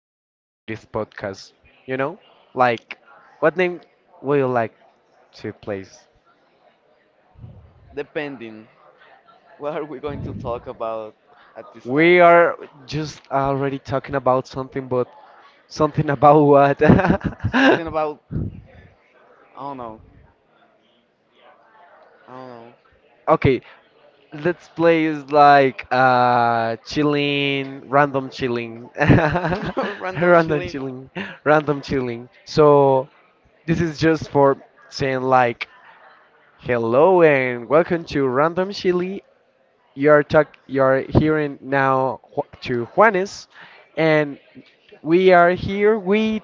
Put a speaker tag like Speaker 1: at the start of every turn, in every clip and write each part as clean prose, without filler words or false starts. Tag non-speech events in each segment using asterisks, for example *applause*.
Speaker 1: a name for this podcast. You know, like what name would you like to place?
Speaker 2: Depending, what are we going to talk about at this
Speaker 1: We
Speaker 2: time?
Speaker 1: are just already talking about something, but something about what?
Speaker 2: Something about, I don't know, I
Speaker 1: *laughs* Okay, let's place like chilling, random chilling, *laughs*
Speaker 2: don't know. *laughs* Random
Speaker 1: random
Speaker 2: chilling.
Speaker 1: chilling, random chilling. So this is just for saying like hello and welcome to Random Chili. You're hearing now to Juanes, and we are here with.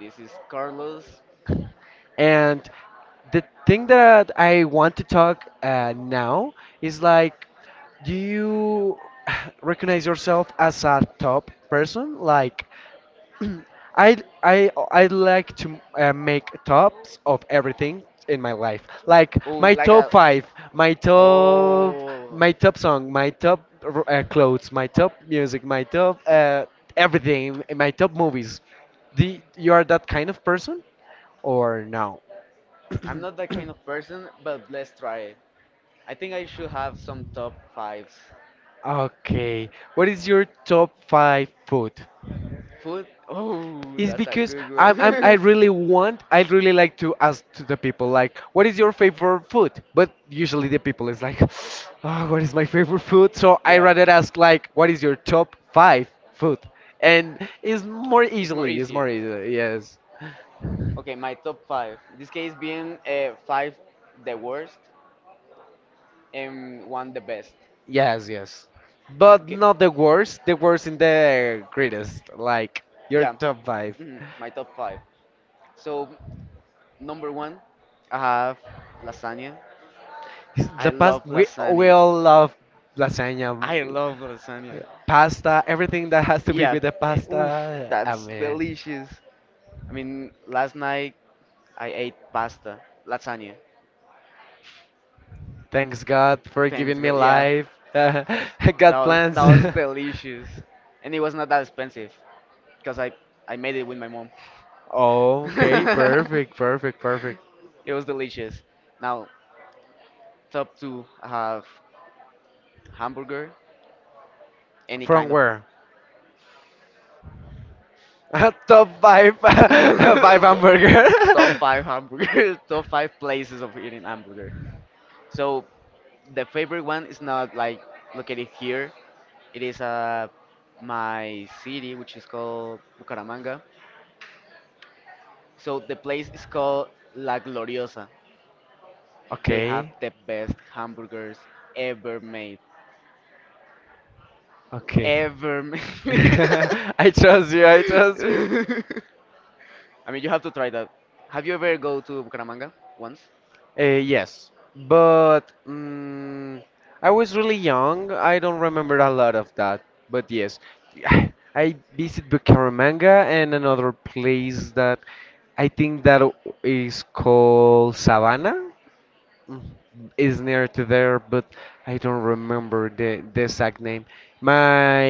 Speaker 2: This is Carlos. This is-
Speaker 1: And the thing that I want to talk now is like, do you *sighs* recognize yourself as a top person? Like I I like to make tops of everything in my life. Like
Speaker 2: Ooh,
Speaker 1: my
Speaker 2: like
Speaker 1: top
Speaker 2: a.
Speaker 1: five, my top, my top song, my top clothes, my top music, my top everything, my top
Speaker 2: Oh.
Speaker 1: movies. Do you are that kind of person or no?
Speaker 2: I'm not that kind of person, but let's try it. I think I should have some top fives.
Speaker 1: Okay. What is your top five food?
Speaker 2: Food? Oh,
Speaker 1: It's
Speaker 2: that's a
Speaker 1: because
Speaker 2: good
Speaker 1: I
Speaker 2: one. *laughs*
Speaker 1: really want, I really like to ask to the people like, what is your favorite food? But usually the people is like, *sighs* oh, what is my favorite food? So I
Speaker 2: Yeah.
Speaker 1: rather ask like, what is your top five food? And it's more
Speaker 2: It's more
Speaker 1: easily, it's
Speaker 2: easier.
Speaker 1: more easy. Yes,
Speaker 2: Okay, my top five. This case being five the worst and one the best.
Speaker 1: yes, yes. But
Speaker 2: Okay.
Speaker 1: not the worst. The worst in the greatest. Like your
Speaker 2: Yeah.
Speaker 1: top five.
Speaker 2: My top five. So number one, I have lasagna. I
Speaker 1: The past
Speaker 2: love
Speaker 1: we
Speaker 2: lasagna.
Speaker 1: all love lasagna.
Speaker 2: I love lasagna.
Speaker 1: Pasta, everything that has to be
Speaker 2: Yeah.
Speaker 1: with the
Speaker 2: eh, Oof,
Speaker 1: pasta.
Speaker 2: that's
Speaker 1: Amen.
Speaker 2: delicious. I mean, last night I ate pasta, lasagna.
Speaker 1: Thanks God for
Speaker 2: Thanks
Speaker 1: giving me
Speaker 2: God. Yeah,
Speaker 1: life. *laughs* I
Speaker 2: that
Speaker 1: got
Speaker 2: was
Speaker 1: plans.
Speaker 2: that was
Speaker 1: *laughs*
Speaker 2: delicious, and it was not that expensive because I made it with my mom.
Speaker 1: Oh, okay, perfect,
Speaker 2: *laughs*
Speaker 1: perfect, perfect.
Speaker 2: It was delicious. Now, top two I have hamburger, any
Speaker 1: From
Speaker 2: kind of
Speaker 1: where? *laughs* Top five, *laughs* five hamburger.
Speaker 2: *laughs* top five
Speaker 1: *laughs*
Speaker 2: hamburger, *laughs* top five places of eating hamburger. So the favorite one is not like located here. It is my city, which is called Bucaramanga. So the place is called La Gloriosa. They have
Speaker 1: Okay,
Speaker 2: the best hamburgers ever made.
Speaker 1: okay.
Speaker 2: Ever made.
Speaker 1: *laughs*
Speaker 2: *laughs*
Speaker 1: I trust you. I trust you.
Speaker 2: *laughs* I mean, you have to try that. Have you ever go to Bucaramanga once?
Speaker 1: Yes, but I was really young. I don't remember a lot of that, but yes, *sighs* I visit Bucaramanga and another place that I think that is called Savannah. Mm, Is near to there, but I don't remember the exact name. My,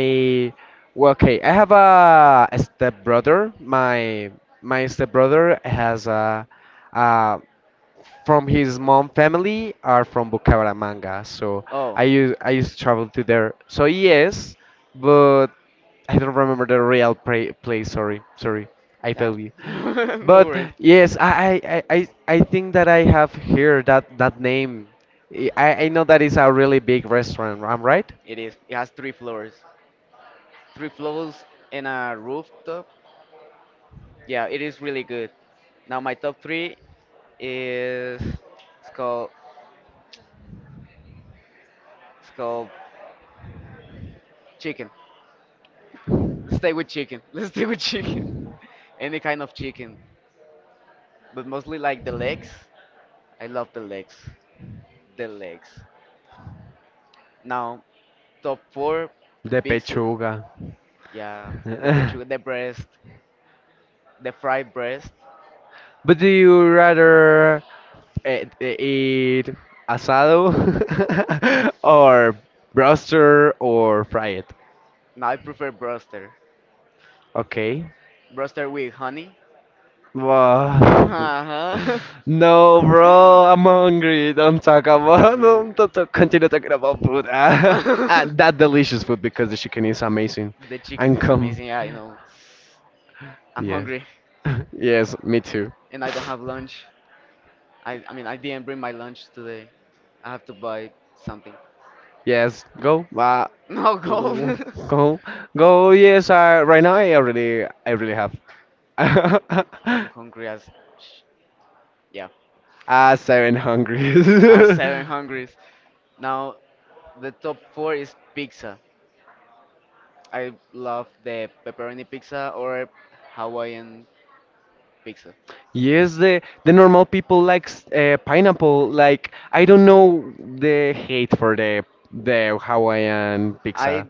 Speaker 1: well, okay, I have a stepbrother. My stepbrother has a from his mom family are from Bucaramanga, so
Speaker 2: Oh,
Speaker 1: I used to travel to there. So yes, but I don't remember the real pra place. Sorry, sorry, I
Speaker 2: yeah.
Speaker 1: failed you. *laughs*
Speaker 2: *laughs* No
Speaker 1: But
Speaker 2: worries.
Speaker 1: yes, I think that I have here that that name. I know that it's a really big restaurant. I'm right?
Speaker 2: It is. It has three floors. Three floors and a rooftop. Yeah, it is really good. Now my top three is it's called chicken. Let's stay with chicken. *laughs* Let's stay with chicken. Any kind of chicken, but mostly like the legs. I love the legs. The legs. Now, top four
Speaker 1: The
Speaker 2: picks,
Speaker 1: Pechuga.
Speaker 2: yeah, the
Speaker 1: *laughs*
Speaker 2: pechuga, the breast, the fried breast.
Speaker 1: But do you rather eat asado *laughs* or broster or fry it?
Speaker 2: Now I prefer broster.
Speaker 1: Okay.
Speaker 2: Broster with honey.
Speaker 1: Wow.
Speaker 2: Uh-huh.
Speaker 1: No, bro, I'm hungry. Don't talk
Speaker 2: *laughs* I'm
Speaker 1: about *laughs*
Speaker 2: hungry.
Speaker 1: don't talk, continue talking about food. *laughs* Ah, and that
Speaker 2: *laughs*
Speaker 1: delicious food because the chicken is amazing.
Speaker 2: The chicken
Speaker 1: And
Speaker 2: is
Speaker 1: come,
Speaker 2: amazing. Yeah, I know. I'm
Speaker 1: yes,
Speaker 2: hungry
Speaker 1: *laughs* yes, me too.
Speaker 2: and I don't have lunch. I mean, I didn't bring my lunch today. I have to buy something.
Speaker 1: Yes, go.
Speaker 2: *laughs* No, go. *laughs*
Speaker 1: Go, go. Yes, right now I already, I really have *laughs*
Speaker 2: I'm
Speaker 1: ah,
Speaker 2: hungry as sh- yeah.
Speaker 1: seven hungry.
Speaker 2: As seven
Speaker 1: *laughs*
Speaker 2: hungries. Now the top four is pizza. I love the pepperoni pizza or Hawaiian pizza.
Speaker 1: Yes, the normal people likes pineapple. Like, I don't know the hate for the Hawaiian
Speaker 2: I
Speaker 1: pizza.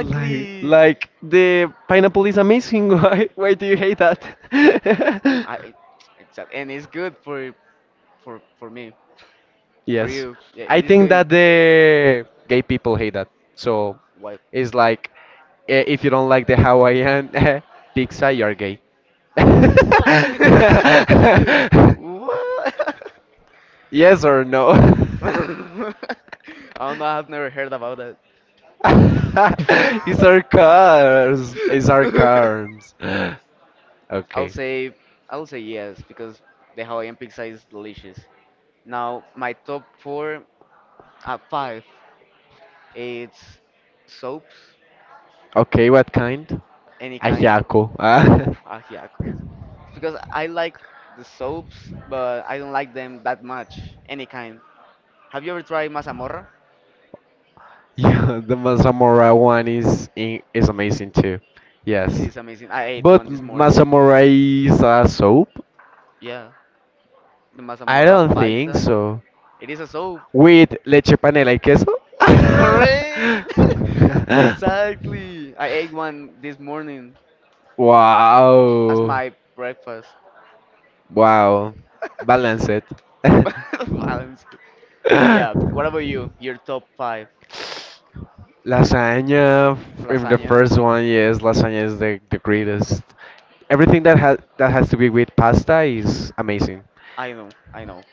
Speaker 1: Like like
Speaker 2: *laughs*
Speaker 1: the pineapple is amazing. *laughs* Why do you hate that?
Speaker 2: I
Speaker 1: *laughs*
Speaker 2: exactly, and it's good for for me, for
Speaker 1: Yes.
Speaker 2: you. Yeah,
Speaker 1: I
Speaker 2: it is
Speaker 1: think
Speaker 2: good.
Speaker 1: that the gay people hate that. So
Speaker 2: Why?
Speaker 1: it's like, if you don't like the Hawaiian *laughs* pizza, you're gay. *laughs*
Speaker 2: What? *laughs* What? *laughs*
Speaker 1: Yes or no?
Speaker 2: *laughs*
Speaker 1: *laughs*
Speaker 2: I don't know. I've never heard about it.
Speaker 1: It's our cars. It's our
Speaker 2: *laughs*
Speaker 1: cars.
Speaker 2: I'll
Speaker 1: Okay.
Speaker 2: say I'll say yes because the Hawaiian pizza is delicious. Now my top four, five, it's soaps
Speaker 1: Okay, what kind?
Speaker 2: any kind.
Speaker 1: Ajiaco. Ah.
Speaker 2: Oh,
Speaker 1: *laughs*
Speaker 2: ajiaco. Because I like the soaps, but I don't like them that much. Any kind. Have you ever tried mazamorra?
Speaker 1: Yeah, *laughs* the Masamurai one is amazing too.
Speaker 2: It
Speaker 1: Yes.
Speaker 2: is amazing. I ate
Speaker 1: But
Speaker 2: one this morning.
Speaker 1: Masamurai is a soap?
Speaker 2: Yeah, the
Speaker 1: I
Speaker 2: mazamorra
Speaker 1: don't think
Speaker 2: paisa.
Speaker 1: so.
Speaker 2: It is a soap.
Speaker 1: With leche panela y queso?
Speaker 2: Correct. *laughs*
Speaker 1: *laughs*
Speaker 2: Exactly. I ate one this morning as
Speaker 1: Wow.
Speaker 2: my breakfast.
Speaker 1: Wow. Balance it.
Speaker 2: *laughs* Balance. Yeah. What about you? Your top five
Speaker 1: *laughs* *laughs* Lasagna, in the
Speaker 2: lasagna?
Speaker 1: first one, yes, lasagna is the greatest. Everything that has to be with pasta is amazing.
Speaker 2: I know. I know.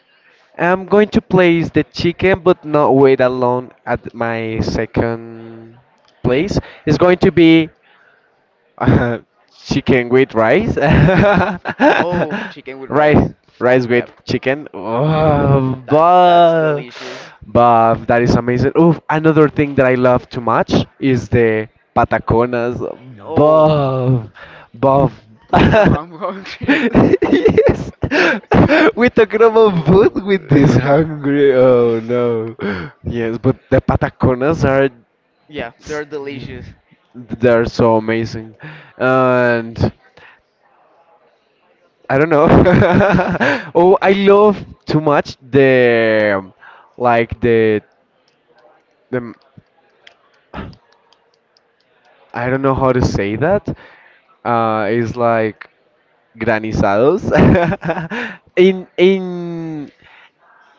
Speaker 1: I'm going to place the chicken, but not wait alone at my second place. It's going to be *laughs* Uh, chicken with rice?
Speaker 2: Oh, chicken
Speaker 1: *laughs*
Speaker 2: with
Speaker 1: Rice,
Speaker 2: rice.
Speaker 1: rice with
Speaker 2: Yeah.
Speaker 1: chicken? Oh,
Speaker 2: That's delicious.
Speaker 1: but that is amazing. Oh, another thing that I love too much is the pataconas.
Speaker 2: Oh,
Speaker 1: Buff, buff.
Speaker 2: no,
Speaker 1: *laughs*
Speaker 2: I'm hungry.
Speaker 1: Yes.
Speaker 2: *laughs*
Speaker 1: *laughs* We talking about food
Speaker 2: Oh.
Speaker 1: with this hungry. Oh no. Yes, but the pataconas are,
Speaker 2: *laughs* Yeah, they're delicious.
Speaker 1: they're so amazing. And I don't know. *laughs* Oh, I love too much the, like the, I don't know how to say that. It's like granizados. *laughs* In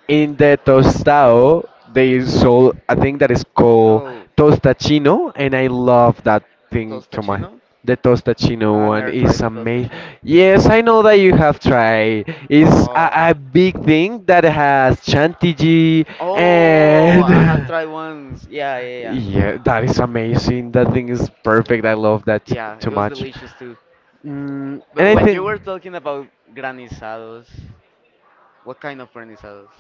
Speaker 1: in the tostado, they sold a thing that is called
Speaker 2: Oh.
Speaker 1: tostachino, and I love that thing too much.
Speaker 2: Tostachino?
Speaker 1: The tostachino
Speaker 2: I've
Speaker 1: one
Speaker 2: never tried
Speaker 1: is
Speaker 2: the
Speaker 1: amazing.
Speaker 2: tostachino.
Speaker 1: Yes, I know that you have tried. It's
Speaker 2: No.
Speaker 1: a big thing that has chantilly
Speaker 2: Oh,
Speaker 1: and
Speaker 2: I have tried once. Yeah, yeah,
Speaker 1: *laughs*
Speaker 2: yeah.
Speaker 1: yeah, that is amazing. That thing is perfect. I love that
Speaker 2: Yeah,
Speaker 1: too
Speaker 2: it was
Speaker 1: much.
Speaker 2: delicious too. But
Speaker 1: And I
Speaker 2: when you
Speaker 1: think
Speaker 2: were talking about granizados, what kind of granizados?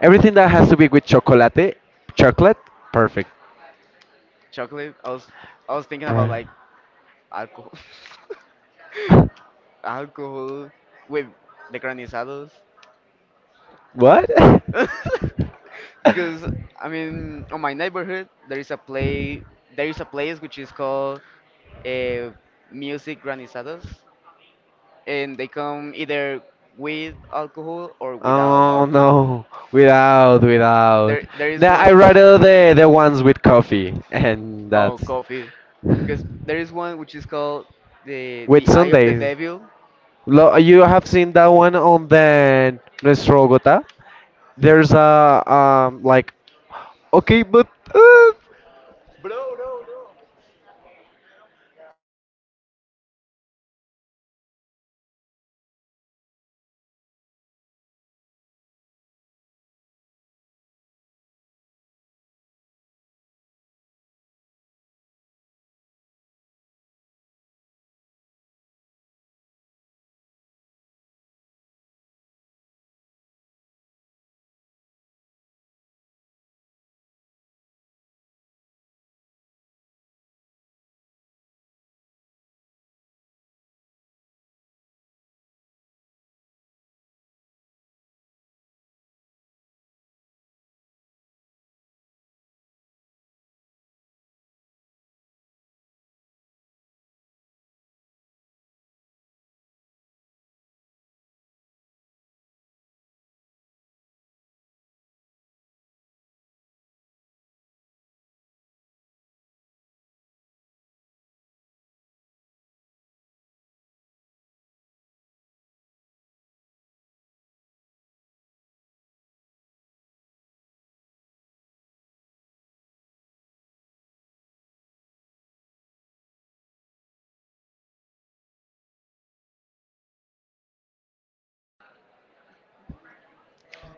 Speaker 1: everything that has to be with chocolate, chocolate, perfect.
Speaker 2: Chocolate. I was thinking about
Speaker 1: Right.
Speaker 2: like alcohol. *laughs* Alcohol with the granizados.
Speaker 1: What? *laughs*
Speaker 2: *laughs* Because I mean, on my neighborhood there is a place which is called uh, music granizados, and they come either with alcohol or without
Speaker 1: oh
Speaker 2: alcohol.
Speaker 1: no. Without, without.
Speaker 2: There is
Speaker 1: Nah,
Speaker 2: one.
Speaker 1: I
Speaker 2: *laughs*
Speaker 1: rather the ones with coffee and
Speaker 2: Oh,
Speaker 1: that's
Speaker 2: coffee. Because there is one which is called
Speaker 1: with
Speaker 2: the Eye of the
Speaker 1: Sundays.
Speaker 2: Devil.
Speaker 1: Lo, you have seen that one on the Nuestro Bogota? There's a like, okay, but uh,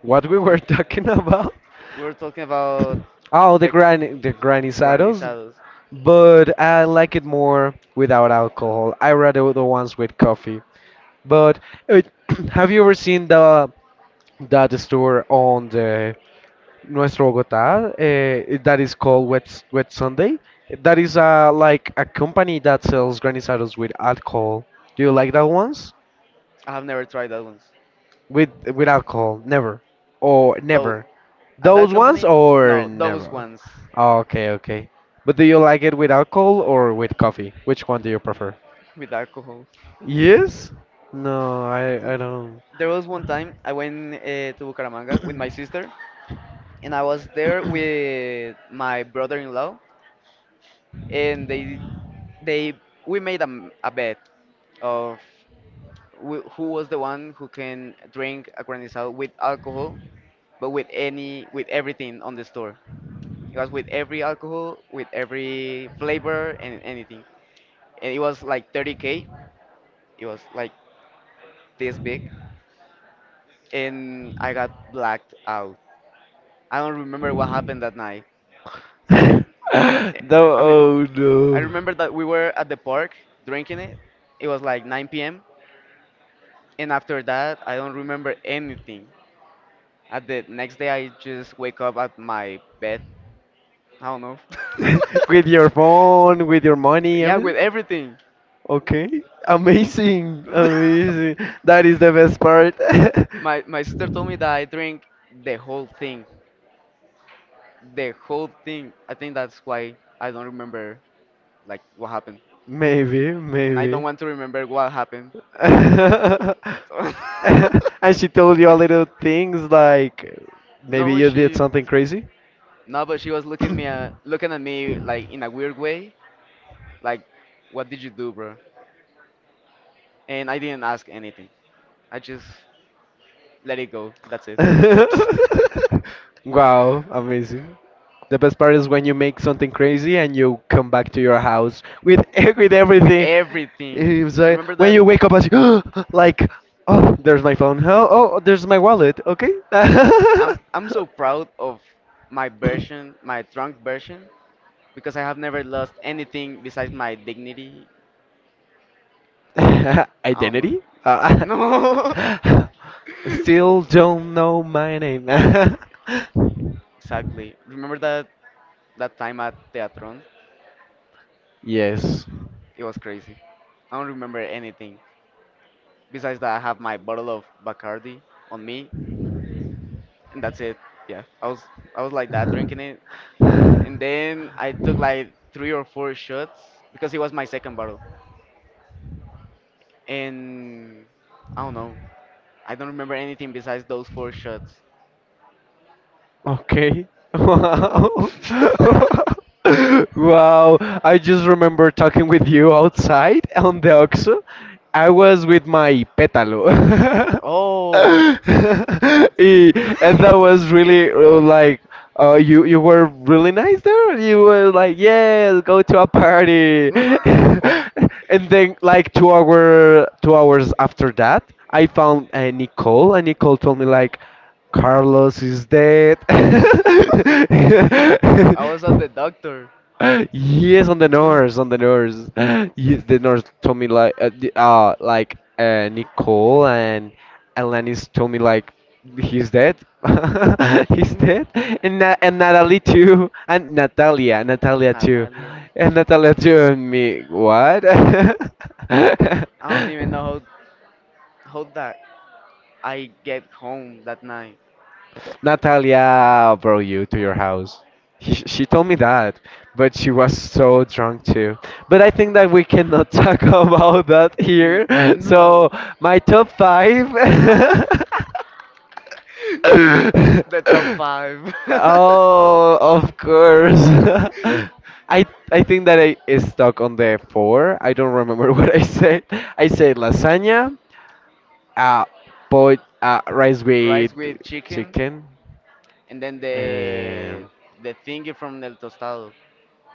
Speaker 1: what we were *laughs* talking about?
Speaker 2: We're talking about
Speaker 1: Oh, the
Speaker 2: the
Speaker 1: gran the granizados,
Speaker 2: granizados.
Speaker 1: but I like it more without alcohol. I rather the ones with coffee. But uh, *clears throat* have you ever seen the that store on the Nuestro Bogotá that is called Wet Wet Sunday? That is like a company that sells granizados with alcohol. Do you like that ones?
Speaker 2: I have never tried that ones.
Speaker 1: With alcohol, never or
Speaker 2: Though
Speaker 1: never.
Speaker 2: at that
Speaker 1: Those ones
Speaker 2: company,
Speaker 1: or
Speaker 2: no, those
Speaker 1: never.
Speaker 2: ones
Speaker 1: Okay, okay. But do you like it with alcohol or with coffee? Which one do you prefer?
Speaker 2: with alcohol.
Speaker 1: Yes? No, I
Speaker 2: Mm,
Speaker 1: don't.
Speaker 2: there was one time I went to Bucaramanga with my sister, and I was there with my brother-in-law, and they we made a, a bet of who was the one who can drink a granizado with alcohol, but with any with everything on the store. It was with every alcohol, with every flavor and anything. And it was like 30K. It was like this big, and I got blacked out. I don't remember what happened that night. Eh,
Speaker 1: *laughs* no,
Speaker 2: I mean,
Speaker 1: oh
Speaker 2: *laughs* I
Speaker 1: no.
Speaker 2: remember that we were at the park drinking it. It was like 9 p.m. And after that, I don't remember anything. At the next day, I just wake up at my bed. I don't know.
Speaker 1: *laughs* With your phone, with your
Speaker 2: *laughs*
Speaker 1: money,
Speaker 2: Yeah,
Speaker 1: everything?
Speaker 2: with everything.
Speaker 1: Okay. Amazing. Amazing. That is the best part.
Speaker 2: My sister told me that I
Speaker 1: *laughs*
Speaker 2: drank the whole thing, the whole thing. I think that's why I don't remember like what happened,
Speaker 1: maybe,
Speaker 2: and I don't
Speaker 1: maybe.
Speaker 2: want to remember what happened.
Speaker 1: *laughs* And
Speaker 2: So
Speaker 1: she told you a little things like,
Speaker 2: *laughs*
Speaker 1: maybe
Speaker 2: no,
Speaker 1: you did
Speaker 2: she
Speaker 1: something crazy?
Speaker 2: no, but she was looking me looking at me like in a weird way, like what did you do, bro? And I didn't ask anything. I just let it go. That's it. *laughs*
Speaker 1: *laughs* Wow, amazing. The best part is when you make something crazy and you come back to your house with *laughs* with
Speaker 2: With
Speaker 1: everything.
Speaker 2: everything.
Speaker 1: It was like,
Speaker 2: Remember
Speaker 1: when
Speaker 2: that?
Speaker 1: you wake up as you, *gasps* like, oh, there's my phone. Oh, oh, there's my wallet. Okay. *coughs*
Speaker 2: I'm so proud of my
Speaker 1: *laughs*
Speaker 2: version, my drunk version, because I have never lost anything besides my dignity.
Speaker 1: *laughs*
Speaker 2: Um,
Speaker 1: Identity?
Speaker 2: no,
Speaker 1: *laughs* Still don't know my name.
Speaker 2: *laughs* exactly. Remember that that time at Teatron?
Speaker 1: *laughs* yes.
Speaker 2: It was crazy. I don't remember anything. Besides that, I have my bottle of Bacardi on me, and that's it. Yeah, I was like that drinking it, and then I took like three or four shots because it was my second bottle, and I don't know. I don't remember anything besides those four shots.
Speaker 1: Okay. *laughs* Wow.
Speaker 2: *laughs*
Speaker 1: *laughs* Wow. I just remember talking with you outside on the OXXO. I was with my pétalo. *laughs*
Speaker 2: Oh.
Speaker 1: Eh, and that was really like, you, you were really nice there. You were like, yes, go to a
Speaker 2: *laughs*
Speaker 1: party. *laughs*
Speaker 2: *laughs*
Speaker 1: And then like 2 hours after that, I found Nicole, and Nicole told me like, Carlos
Speaker 2: *laughs*
Speaker 1: is dead. *laughs*
Speaker 2: *laughs* *laughs* I was at the doctor.
Speaker 1: yes, on the nurse, on the nurse. *gasps* Yes, the nurse
Speaker 2: *laughs*
Speaker 1: told me like, Nicole and Alanis told me like, he's dead. *laughs* he's
Speaker 2: Hospital no. *laughs* And,
Speaker 1: dead, and and Natalie too, and Natalia,
Speaker 2: Natalia.
Speaker 1: Natalia too, and me. What? *laughs*
Speaker 2: I don't even know how that I get home that night.
Speaker 1: Natalia brought you to your house. She told me that, but she was so drunk too. But I think that we cannot talk *laughs* about that here. So my top five.
Speaker 2: *laughs* *laughs* *laughs* The top
Speaker 1: *laughs*
Speaker 2: five. *laughs*
Speaker 1: oh, of course. *laughs* I I think that I is stuck on the four. I don't remember *laughs* what I said. I said lasagna, uh, rice with
Speaker 2: Rice with chicken,
Speaker 1: chicken,
Speaker 2: and then
Speaker 1: um,
Speaker 2: the thingy from El Tostado,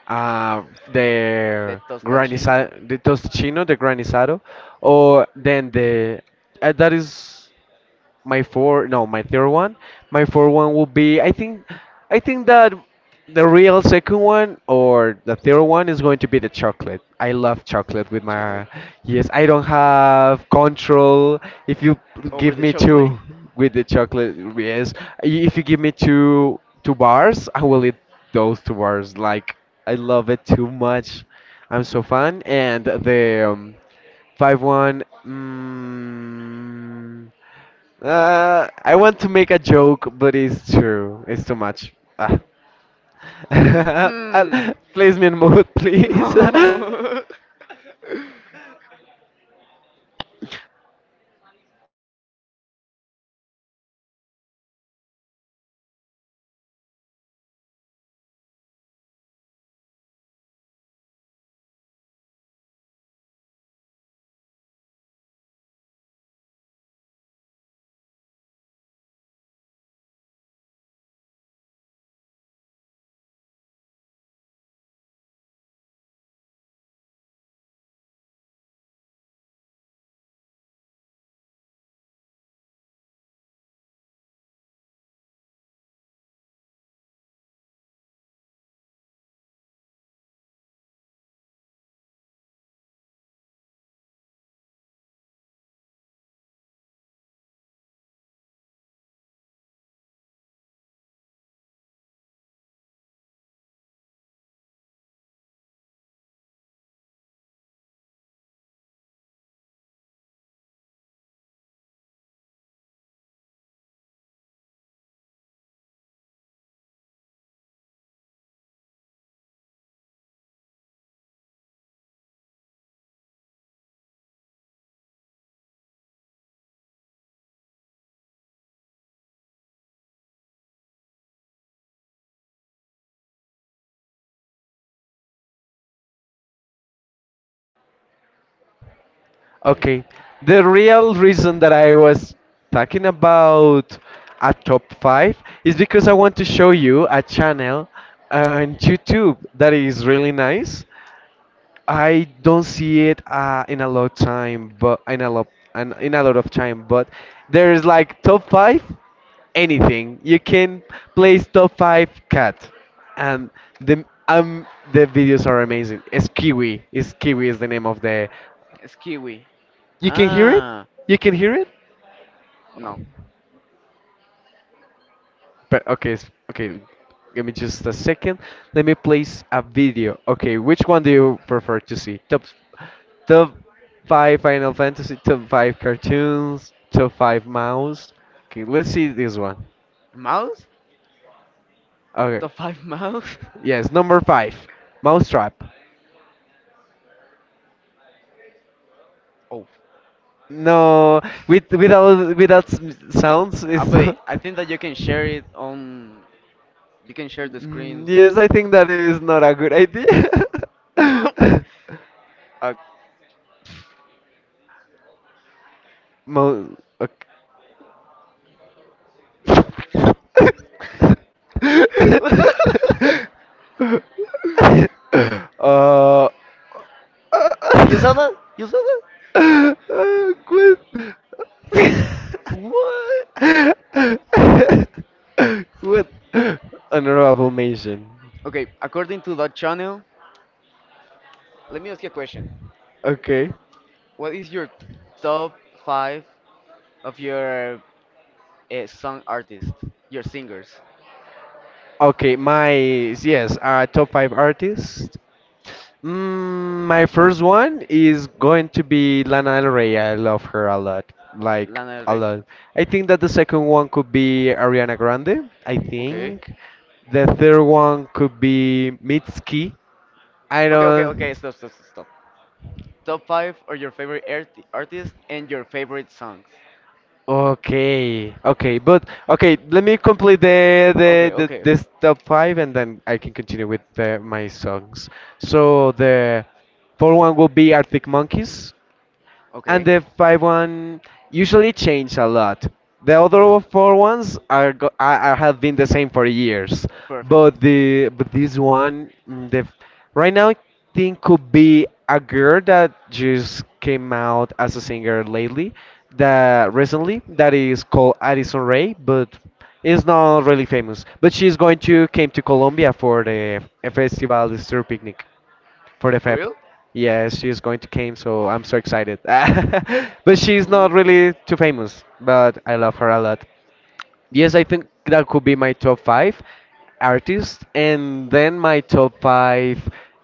Speaker 1: uh,
Speaker 2: the
Speaker 1: the
Speaker 2: tostachino.
Speaker 1: granizado, the tostino, the granizado, or then the that is. My four no my third one, my fourth one will be, I think, I think that the real second one or the third one is going to be the chocolate. I love chocolate with my,
Speaker 2: Chocolate.
Speaker 1: yes, I don't have control. If you
Speaker 2: Over
Speaker 1: give
Speaker 2: the
Speaker 1: me two,
Speaker 2: chocolate?
Speaker 1: with the chocolate, yes, if you give me two bars, I will eat those two bars. Like, I love it too much. I'm so fan. And the 5 one. I want to make a joke, but it's true. It's too much. Ah.
Speaker 2: Hmm.
Speaker 1: *laughs*
Speaker 2: Hmm.
Speaker 1: Place me in mood,
Speaker 2: *laughs*
Speaker 1: please. *laughs*
Speaker 2: No. *laughs*
Speaker 1: Okay. The real reason that I was talking about a top five is because I want to show you a channel on YouTube that is really nice. I don't see it in a lot time, but in a lot and in a lot of time. But there is like top five, anything you can place top five cat, and the um the videos are amazing. It's kiwi. It's kiwi is the name of the.
Speaker 2: It's kiwi.
Speaker 1: You can hear it.
Speaker 2: Ah,
Speaker 1: You can hear it.
Speaker 2: no.
Speaker 1: But okay, okay. Give me just a second. Let me place a video. Okay, which one do you prefer to see? Top five Final Fantasy, top five cartoons, top five mouse. Okay, let's see this one.
Speaker 2: Mouse?
Speaker 1: Okay,
Speaker 2: Top five mouse? *laughs*
Speaker 1: yes, number five, Mousetrap.
Speaker 2: Oh.
Speaker 1: No, with without sounds
Speaker 2: Ah,
Speaker 1: is.
Speaker 2: but
Speaker 1: *laughs*
Speaker 2: I think that you can share it on. You can share the screen.
Speaker 1: Yes, I think
Speaker 2: *laughs*
Speaker 1: that is not a good idea. *laughs*
Speaker 2: Uh,
Speaker 1: Mo okay. *laughs* uh, *laughs*
Speaker 2: *laughs* you saw that? You saw that?
Speaker 1: Gwen.
Speaker 2: What?
Speaker 1: Gwen. *laughs* Honorable mention.
Speaker 2: Okay, according to that channel, let me ask you a question.
Speaker 1: Okay.
Speaker 2: What is your top five of your song artist, your singers,
Speaker 1: Okay, my, yes, top five artists. My first one is going to be Lana Del Rey. I love her a lot, like
Speaker 2: Lana Del
Speaker 1: a
Speaker 2: Rey.
Speaker 1: lot. I think that the second one could be Ariana Grande. I
Speaker 2: Okay.
Speaker 1: think the third one could be Mitski. I
Speaker 2: Okay, okay, okay,
Speaker 1: don't.
Speaker 2: stop, stop, stop, stop. Top five are your favorite artists and your favorite songs.
Speaker 1: Okay, okay, but okay. Let me complete
Speaker 2: Okay,
Speaker 1: the
Speaker 2: okay.
Speaker 1: this top five, and then I can continue with my songs. So the fourth one will be Arctic Monkeys. And
Speaker 2: Okay.
Speaker 1: the 5 one usually change a lot. The other four ones are have been the same for years,
Speaker 2: Perfect.
Speaker 1: but this one, right now I think could be a girl that just came out as a singer lately, that recently that is called Addison Rae, but is not really famous. But she's going to came to Colombia for the festival, the Stir Picnic. For
Speaker 2: Oh,
Speaker 1: the
Speaker 2: for
Speaker 1: Feb.
Speaker 2: real?
Speaker 1: Yes, she's going to came, so I'm so excited. *laughs* But she's not
Speaker 2: Ooh.
Speaker 1: really too famous, but I love her a lot.
Speaker 2: *laughs*
Speaker 1: Yes, I think that could be my top five artists, and then my top five.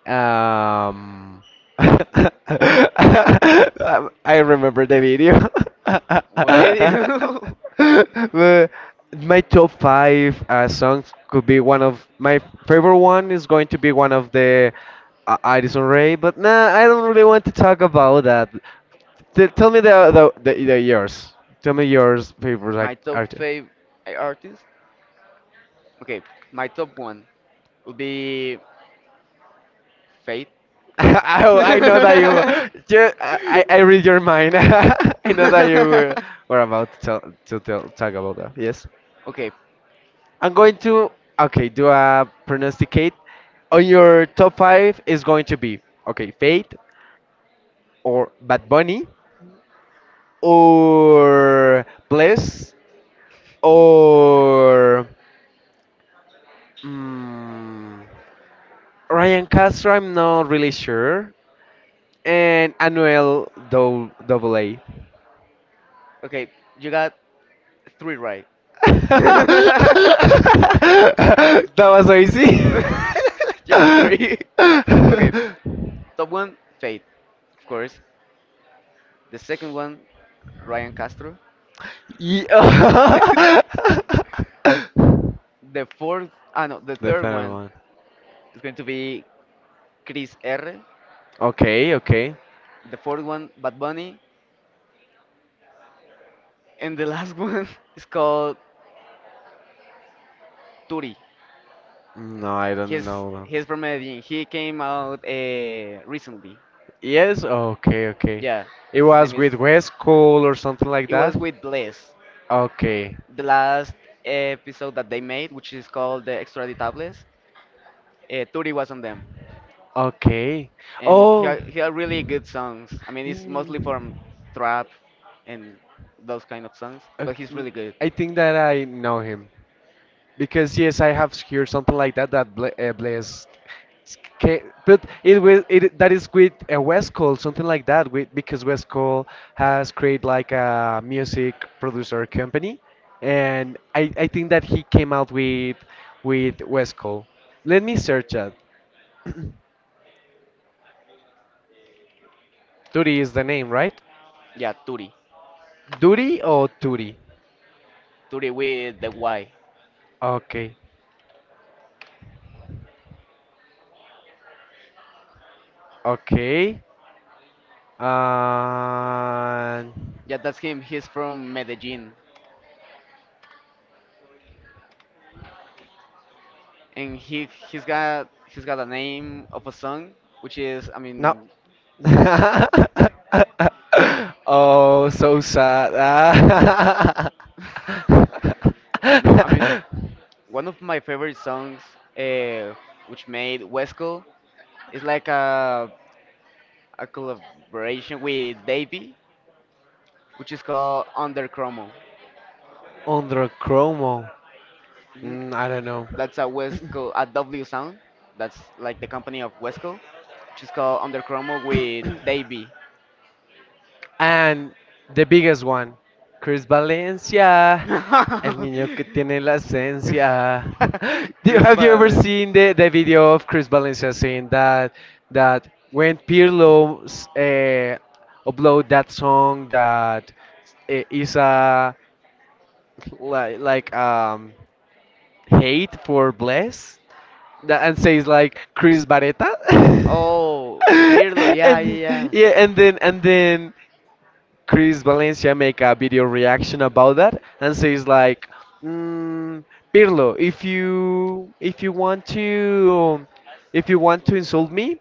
Speaker 1: Um, *laughs* I remember the video.
Speaker 2: What
Speaker 1: *laughs*
Speaker 2: video?
Speaker 1: The- my top five songs could be one of my favorite one is going to be one of the Addison Rae, but nah, I don't really want to talk about that. T tell me the yours. Tell me yours favorite
Speaker 2: *laughs* My
Speaker 1: act-
Speaker 2: top
Speaker 1: artist.
Speaker 2: five artist. Okay, my top one would be Faith.
Speaker 1: *laughs* I
Speaker 2: *laughs*
Speaker 1: know that you,
Speaker 2: *laughs*
Speaker 1: I read your mind. *laughs* I know that you were about to talk about that. Yes.
Speaker 2: Okay,
Speaker 1: I'm going to, okay, do a pronosticate. On your top five is going to be, okay, Fate or Bad Bunny or Bless or mm, Ryan Castro. I'm not really sure. And Anuel Double A.
Speaker 2: okay, you got three right.
Speaker 1: *laughs*
Speaker 2: *laughs* *laughs*
Speaker 1: That was so easy. *laughs*
Speaker 2: You got three. *laughs* Okay, top one, Faith, of course. The second one, Ryan Castro.
Speaker 1: Ye-
Speaker 2: *laughs* The fourth, ah no, the
Speaker 1: the
Speaker 2: third
Speaker 1: third
Speaker 2: one
Speaker 1: one.
Speaker 2: is going to be Chris R.
Speaker 1: Okay, okay.
Speaker 2: The fourth one, Bad Bunny, and the last *laughs* one is called Turi.
Speaker 1: No, I don't know.
Speaker 2: He's from Medellin. He came out recently.
Speaker 1: Yes, okay, okay.
Speaker 2: Yeah,
Speaker 1: It
Speaker 2: his name
Speaker 1: was
Speaker 2: is.
Speaker 1: with West Cool or something like
Speaker 2: It
Speaker 1: that?
Speaker 2: was with Bless.
Speaker 1: Okay.
Speaker 2: The last episode that they made, which is called the Extraditables, Turi was on them,
Speaker 1: Okay.
Speaker 2: and
Speaker 1: Oh.
Speaker 2: he had really good songs. I mean, it's mostly
Speaker 1: Mm.
Speaker 2: from trap and those kind of songs, but he's
Speaker 1: Okay.
Speaker 2: really good.
Speaker 1: I think that I know him. Because yes, I have heard something like that that Blaze, but it will it that is with West Cole, something like that. With because West Cole has created like a music producer company, and I think that he came out with West Cole. Let me search that. Turi is the name, right?
Speaker 2: Yeah, Turi.
Speaker 1: Duri or Turi?
Speaker 2: Turi with the Y.
Speaker 1: Okay, okay. Uh,
Speaker 2: Yeah, that's him. He's from Medellin, and he's got a name of a song, which is I
Speaker 1: No.
Speaker 2: mean
Speaker 1: *laughs* Oh, so sad. Ah.
Speaker 2: no I mean one of my favorite songs, uh, which made Wesco is like a collaboration with Davey, which is called Under Chromo.
Speaker 1: *laughs* Under Chromo.
Speaker 2: Mhm.
Speaker 1: Mm, I don't know.
Speaker 2: That's a Wesco a W sound. That's like the company of Wesco, which is called Under Chromo with Davey. *laughs*
Speaker 1: And the biggest one, Chris Valencia,
Speaker 2: Chris
Speaker 1: el niño que
Speaker 2: Valencia.
Speaker 1: tiene la esencia.
Speaker 2: *laughs*
Speaker 1: *laughs* Do-
Speaker 2: Chris
Speaker 1: Have you ever
Speaker 2: Valdez.
Speaker 1: seen the video of Chris Valencia saying that when Pirlo uh, upload that song that is a like hate for Bless that, and says like Chris Barretta? *laughs*
Speaker 2: Oh,
Speaker 1: *laughs*
Speaker 2: Pirlo. Yeah,
Speaker 1: And
Speaker 2: yeah, yeah,
Speaker 1: yeah, and then Chris Valencia make a video reaction about that and says like, mm, Pirlo, if you want to if you want to insult me,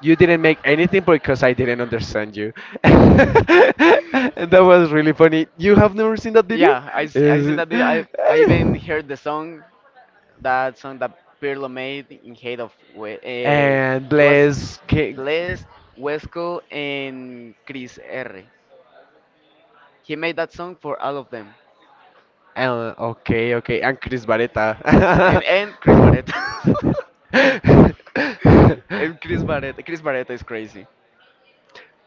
Speaker 1: you didn't make anything because I didn't understand you. *laughs* And
Speaker 2: yeah. *laughs*
Speaker 1: that was really funny. You have never seen that video?
Speaker 2: Yeah,
Speaker 1: *laughs*
Speaker 2: I seen
Speaker 1: Is-
Speaker 2: that video. I even heard the song. That song that Pirlo made in hate of
Speaker 1: and
Speaker 2: it was
Speaker 1: Blaise.
Speaker 2: Blessed, Wesco, and Chris R. He made that song for all of them,
Speaker 1: Okay, okay. And Chris Baretta. *laughs*
Speaker 2: and Chris Barretta. *laughs* And Chris Barretta, Chris Barretta is crazy.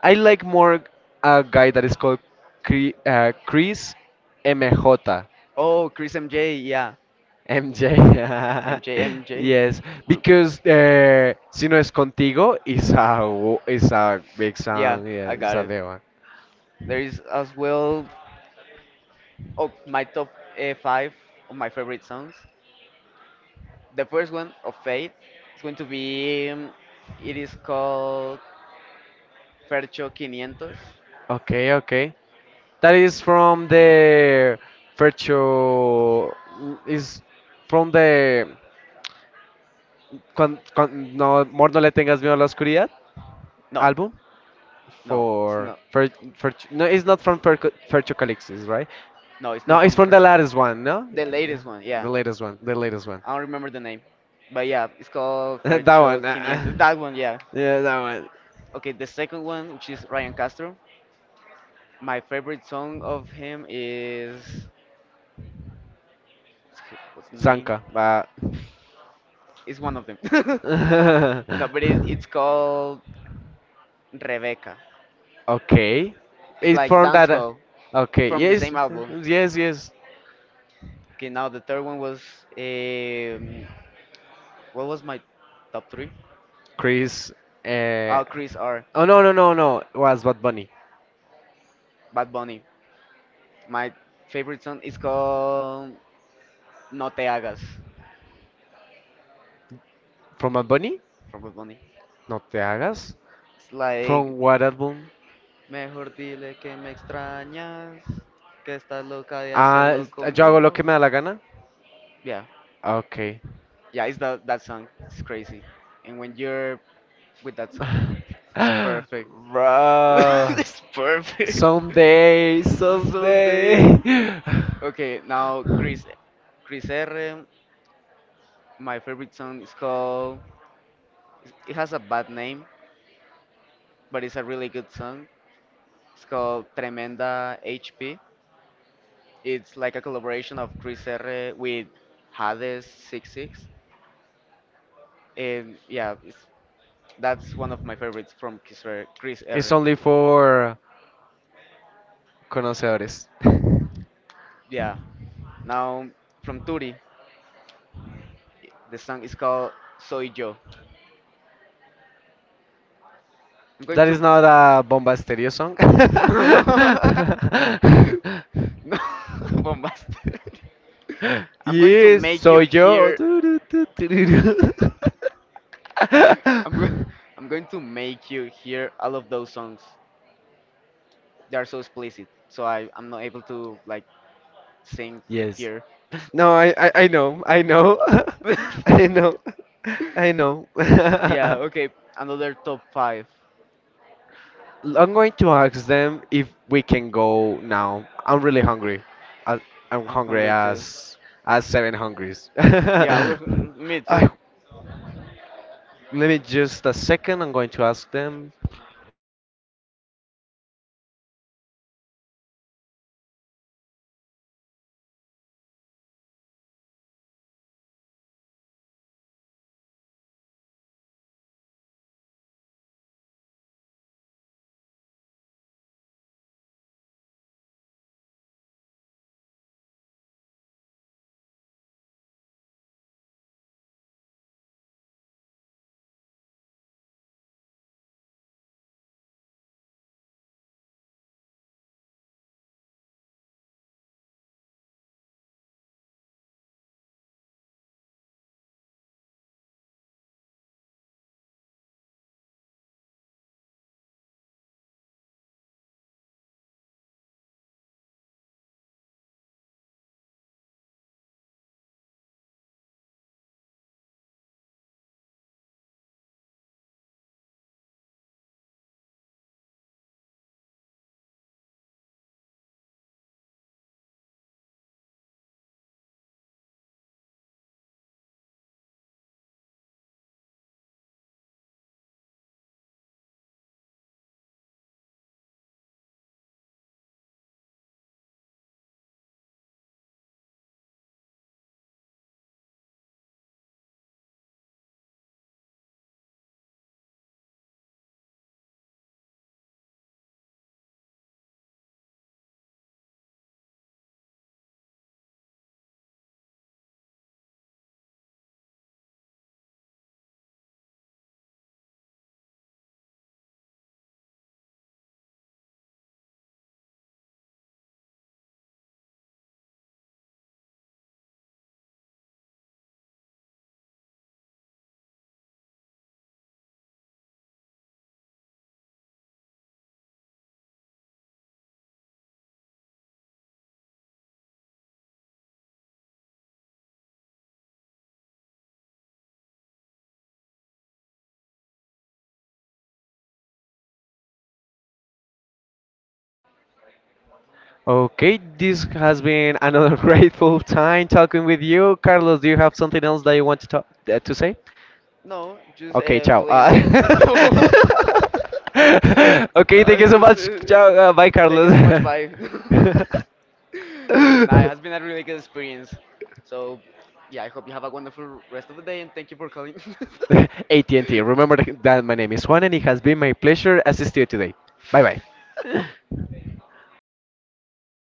Speaker 1: I like more a guy that is called Chris MJ.
Speaker 2: Oh, Chris MJ, yeah, MJ,
Speaker 1: *laughs*
Speaker 2: MJ.
Speaker 1: Yes,
Speaker 2: Group.
Speaker 1: because Si No Es Contigo is a big
Speaker 2: Yeah,
Speaker 1: song.
Speaker 2: I
Speaker 1: Yeah, it's
Speaker 2: got
Speaker 1: a
Speaker 2: it.
Speaker 1: big one.
Speaker 2: There is as well of my top five of my favorite songs. The first one of fate is going to be. It is called Fercho 500.
Speaker 1: 500. Okay, okay. That is from the Fercho. Is from the. Con, no, Amor, no le tengas miedo a la oscuridad
Speaker 2: No,
Speaker 1: album
Speaker 2: no, it's
Speaker 1: for.
Speaker 2: not.
Speaker 1: No, it's not from Fercho Calixis, right?
Speaker 2: No, it's
Speaker 1: No,
Speaker 2: not
Speaker 1: it's
Speaker 2: from
Speaker 1: from the
Speaker 2: Fercho.
Speaker 1: latest one, no? The
Speaker 2: The
Speaker 1: Yeah,
Speaker 2: latest one,
Speaker 1: yeah.
Speaker 2: yeah.
Speaker 1: The latest one, the latest one.
Speaker 2: I don't remember the name, but yeah, it's called
Speaker 1: *laughs* That
Speaker 2: Fercho
Speaker 1: one.
Speaker 2: 500.
Speaker 1: That
Speaker 2: That one, yeah.
Speaker 1: Yeah. Yeah, that
Speaker 2: Okay, the second one, which is Ryan Castro. My favorite song of him is what's the name?
Speaker 1: Sanka, but
Speaker 2: It's one of them. *laughs* No, but
Speaker 1: *laughs*
Speaker 2: it's called Rebecca.
Speaker 1: okay.
Speaker 2: It's
Speaker 1: It's
Speaker 2: like
Speaker 1: from
Speaker 2: Dance
Speaker 1: that.
Speaker 2: Hall
Speaker 1: Okay,
Speaker 2: from the
Speaker 1: yes,
Speaker 2: same album.
Speaker 1: yes, yes.
Speaker 2: Okay, now the third one was um, what was my top three?
Speaker 1: Chris. Uh,
Speaker 2: Oh, Chris R.
Speaker 1: oh, no, no, no, no. Was Bad Bunny
Speaker 2: Bad Bunny. My favorite song is called No Te Hagas
Speaker 1: from Bad Bunny?
Speaker 2: from Bad Bunny.
Speaker 1: No te hagas.
Speaker 2: It's like
Speaker 1: From what album?
Speaker 2: mejor dile que me extrañas, que estás loca de
Speaker 1: Ah,
Speaker 2: hacerlo
Speaker 1: yo hago lo
Speaker 2: conmigo.
Speaker 1: que me da la gana.
Speaker 2: Yeah,
Speaker 1: Okay.
Speaker 2: yeah, it's that song. It's crazy, and when you're with that song,
Speaker 1: *laughs*
Speaker 2: it's perfect. *laughs*
Speaker 1: Bro.
Speaker 2: It's perfect.
Speaker 1: Someday,
Speaker 2: Someday.
Speaker 1: someday.
Speaker 2: Okay, now
Speaker 1: *laughs*
Speaker 2: Chris R. My favorite song is called. It has a bad name, but it's a really good song. It's called Tremenda HP. It's like a collaboration of Chris R. with Hades Six Six. And yeah, it's, that's one of my favorites from Chris
Speaker 1: It's
Speaker 2: R.
Speaker 1: only for conocedores. *laughs*
Speaker 2: Yeah. Now from Turi, the song is called Soy Yo. I'm going
Speaker 1: That is
Speaker 2: to.
Speaker 1: not a Bomba Estéreo song.
Speaker 2: *laughs* *laughs* No, *laughs* bombastic.
Speaker 1: *laughs*
Speaker 2: I'm going to
Speaker 1: Yes,
Speaker 2: make you
Speaker 1: soy yo.
Speaker 2: hear.
Speaker 1: Tu, tu, tu, tu, tu, tu.
Speaker 2: *laughs* I'm going. I'm going to make you hear all of those songs. They are so explicit, so I'm not able to like sing
Speaker 1: *laughs* Yes.
Speaker 2: here.
Speaker 1: No, I know, I know, *laughs* I
Speaker 2: *laughs*
Speaker 1: know, I know. *laughs*
Speaker 2: Yeah. Okay. Another top five.
Speaker 1: I'm going to ask them if we can go now. I'm really hungry. I, I'm
Speaker 2: I'm
Speaker 1: hungry
Speaker 2: hungry too.
Speaker 1: as seven hungries.
Speaker 2: Yeah. We're,
Speaker 1: *laughs*
Speaker 2: me
Speaker 1: I,
Speaker 2: too.
Speaker 1: Let me just a second. I'm going to ask them. Okay, this has been another *laughs* grateful time talking with you, Carlos. Do you have something else that you want to say?
Speaker 2: No, just
Speaker 1: Okay, ciao.
Speaker 2: feeling really great. *laughs*
Speaker 1: *laughs* Okay,
Speaker 2: No,
Speaker 1: thank you
Speaker 2: it's
Speaker 1: so
Speaker 2: just,
Speaker 1: much. Ciao. Bye,
Speaker 2: thank you
Speaker 1: Carlos.
Speaker 2: so much. Bye. *laughs* Nah, it has
Speaker 1: *laughs* *laughs*
Speaker 2: been a really good experience. So, yeah, I hope you have a wonderful rest of the day and thank you for calling.
Speaker 1: *laughs* AT&T, remember that my name is Juan and it has been my pleasure assist you today. Bye
Speaker 2: *laughs*
Speaker 1: bye.
Speaker 2: *laughs*
Speaker 1: *laughs*